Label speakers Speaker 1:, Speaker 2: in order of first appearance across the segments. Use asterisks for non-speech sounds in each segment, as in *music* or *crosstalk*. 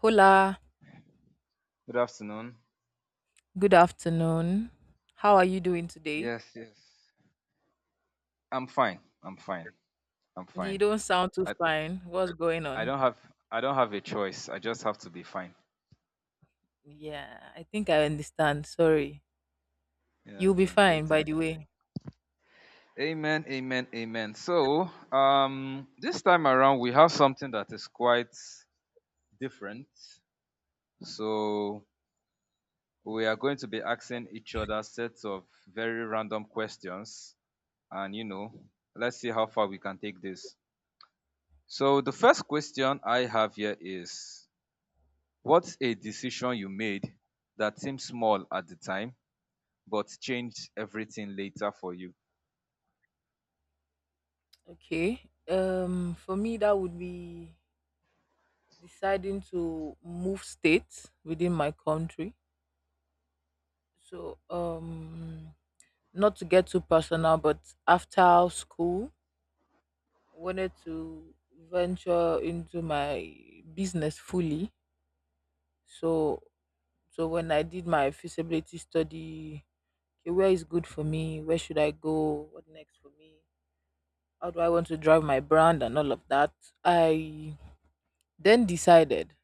Speaker 1: Hola,
Speaker 2: Good afternoon.
Speaker 1: good afternoon. How are you doing today?
Speaker 2: Yes, yes. I'm fine. I'm fine. I'm
Speaker 1: You
Speaker 2: fine.
Speaker 1: don't sound too
Speaker 2: I
Speaker 1: fine. What's going
Speaker 2: I
Speaker 1: on?
Speaker 2: don't have I don't have a choice. I just have to be fine.
Speaker 1: Yeah, I think I understand. Sorry.
Speaker 2: Yeah,
Speaker 1: You'll be
Speaker 2: thank you.
Speaker 1: fine, by
Speaker 2: Thank
Speaker 1: the
Speaker 2: you.
Speaker 1: way. *laughs*
Speaker 2: Amen. Amen. Amen. So, this time around we have something that is quite different. So, we are going to be asking each other sets of very random questions and let's see how far we can take this. So, the first question I have here is, what's a decision you made that seemed small at the time but changed everything later for you?
Speaker 1: Okay. For me, that would be deciding to move states within my country. So, not to get too personal, but after school, wanted to venture into my business fully. So So when I did my feasibility study, okay, where is good for me? Where should I go? What next for me? How do I want to drive my brand and all of that? I then decided.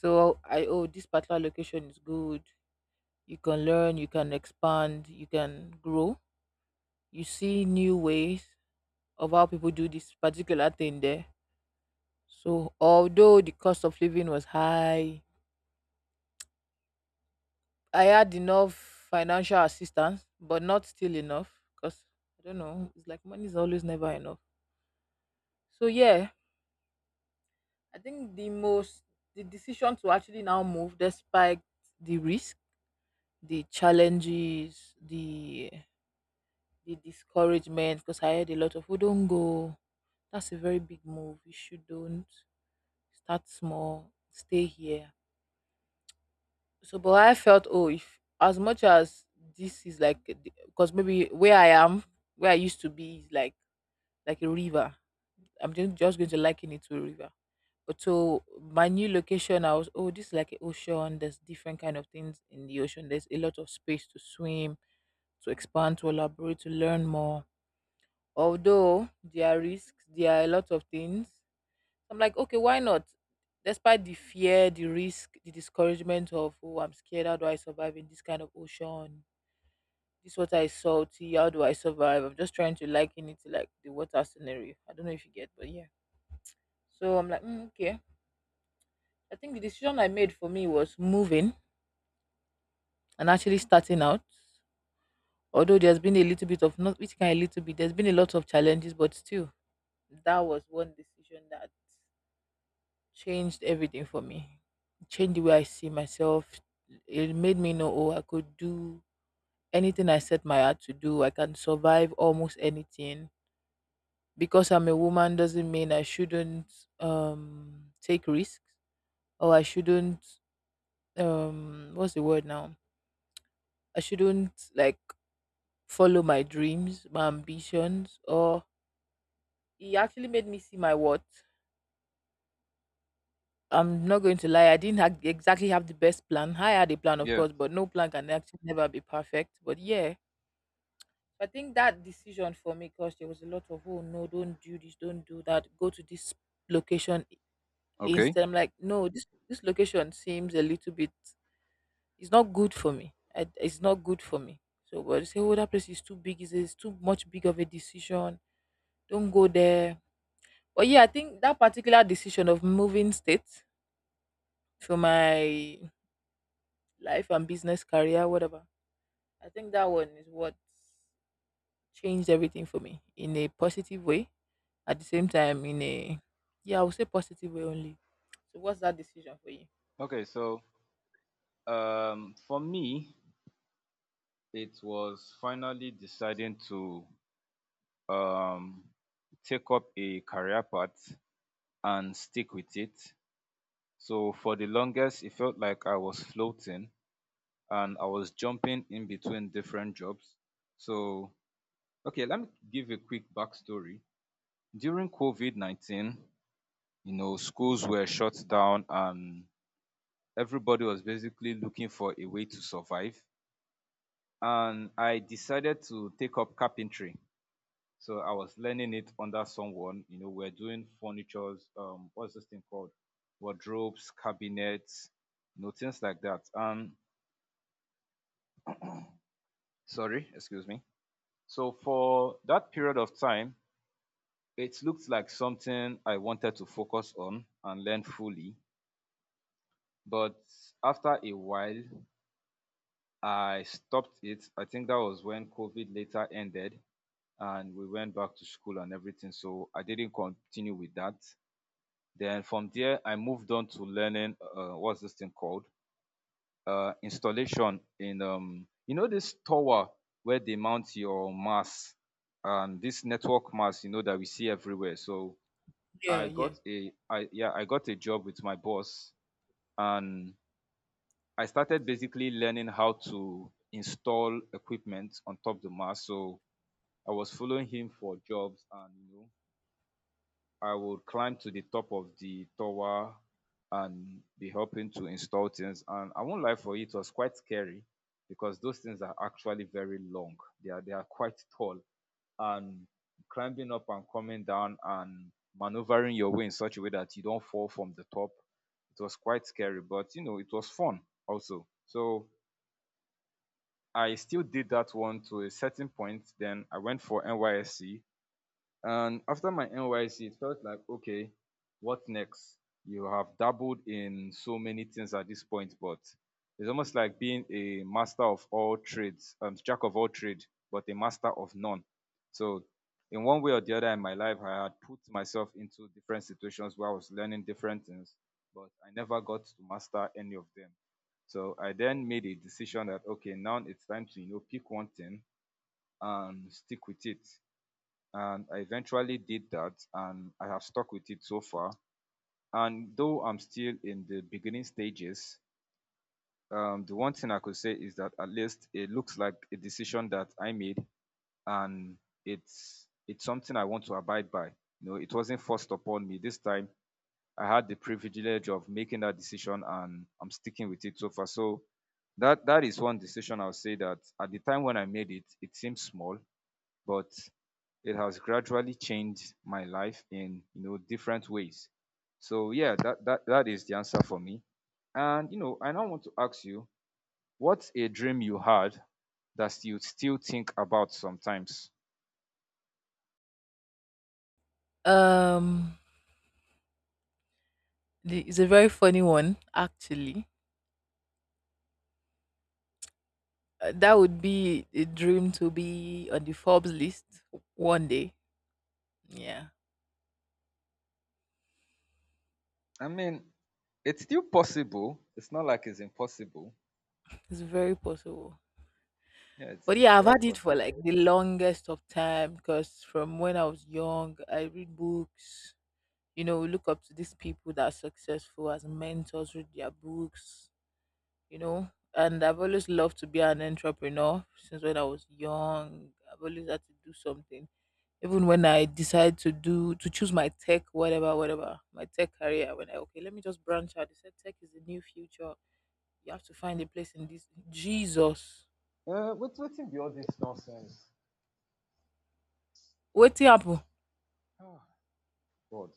Speaker 1: So I oh this particular location is good. You can learn, you can expand, you can grow. You see new ways of how people do this particular thing there. So although the cost of living was high, I had enough financial assistance, but not still enough because I don't know. It's like money is always never enough. So yeah, I think the most the decision to actually now move despite the risk, the challenges, the discouragement because I heard a lot of we don't go. That's a very big move. You should don't start small. Stay here. So, but I felt oh, if as much as this is like because maybe where I am, where I used to be is like a river. I'm just going to liken it to a river. But so my new location, I was, oh, this is like an ocean. There's different kind of things in the ocean. There's a lot of space to swim, to expand, to elaborate, to learn more. Although there are risks, there are a lot of things. I'm like, okay, why not? Despite the fear, the risk, the discouragement of, oh, I'm scared. How do I survive in this kind of ocean? This water is salty. How do I survive? I'm just trying to liken it to like the water scenario. I don't know if you get, but yeah. So I'm like, okay. I think the decision I made for me was moving and actually starting out. Although there's been a little bit of not which kind a little bit, there's been a lot of challenges, but still, that was one decision that changed everything for me. Changed the way I see myself. It made me know, oh, I could do anything I set my heart to do. I can survive almost anything. Because I'm a woman doesn't mean I shouldn't take risks or I shouldn't what's the word now? I shouldn't like follow my dreams, my ambitions, or he actually made me see my worth. I'm not going to lie, I didn't exactly have the best plan. I had a plan, of
Speaker 2: Yeah.
Speaker 1: course, but no plan can actually never be perfect. But yeah, so I think that decision for me, because there was a lot of, oh no, don't do this, don't do that, go to this location
Speaker 2: Okay.
Speaker 1: instead. I'm like, no, this location seems a little bit, it's not good for me. I, it's not good for me. So, but they say, oh, that place is too big, it's too much big of a decision. Don't go there. But yeah, I think that particular decision of moving state for my life and business career, whatever, I think that one is what changed everything for me in a positive way. At the same time, in a yeah, I would say positive way only. So what's that decision for you?
Speaker 2: Okay, so for me, it was finally deciding to um, take up a career path and stick with it. So for the longest, it felt like I was floating and I was jumping in between different jobs. So, okay, let me give a quick backstory. During COVID COVID-19, schools were shut down and everybody was basically looking for a way to survive. And I decided to take up carpentry. So I was learning it under someone. We're doing furnitures, what's this thing called? Wardrobes, cabinets, things like that. Sorry, excuse me. So for that period of time, it looked like something I wanted to focus on and learn fully. But after a while, I stopped it. I think that was when COVID later ended and we went back to school and everything. So I didn't continue with that. Then from there, I moved on to learning what's this thing called? Installation in, this tower where they mount your mass and this network mass, that we see everywhere. So
Speaker 1: Yeah,
Speaker 2: I
Speaker 1: yeah.
Speaker 2: got a, I, yeah, I got a job with my boss and I started basically learning how to install equipment on top the mast. So I was following him for jobs, and I would climb to the top of the tower and be helping to install things. And I won't lie for you, it was quite scary because those things are actually very long. They are quite tall, and climbing up and coming down and maneuvering your way in such a way that you don't fall from the top. It was quite scary, but it was fun also. So I still did that one to a certain point. Then I went for NYSC and after my NYC, it felt like, okay, what next? You have dabbled in so many things at this point, but it's almost like being a master of all trades, jack of all trade, but a master of none. So, in one way or the other in my life, I had put myself into different situations where I was learning different things, but I never got to master any of them. So I then made a decision that okay, now it's time to pick one thing and stick with it and I eventually did that and I have stuck with it so far. And though I'm still in the beginning stages, the one thing I could say is that at least it looks like a decision that I made and it's something I want to abide by. It wasn't forced upon me this time. I had the privilege of making that decision and I'm sticking with it so far. So that is one decision I'll say that at the time when I made it, it seemed small, but it has gradually changed my life in different ways. So yeah, that is the answer for me. And I now want to ask you, what's a dream you had that you still think about sometimes?
Speaker 1: Um, the, it's a very funny one actually. That would be a dream to be on the Forbes list one day. Yeah,
Speaker 2: I mean, it's still possible. It's not like it's impossible.
Speaker 1: it's very possible.
Speaker 2: Yeah, it's
Speaker 1: But
Speaker 2: it's
Speaker 1: yeah, I've
Speaker 2: very
Speaker 1: had it
Speaker 2: possible.
Speaker 1: for like the longest of time because from when I was young, I read books. You know, look up to these people that are successful as mentors, read their books, you know. And I've always loved to be an entrepreneur since when I was young. I've always had to do something. Even when I decided to do to choose my tech, whatever, whatever, my tech career, when I okay, let me just branch out. They said tech is the new future. You have to find a place in this Jesus.
Speaker 2: What in be all this nonsense?
Speaker 1: What happened?
Speaker 2: Oh God.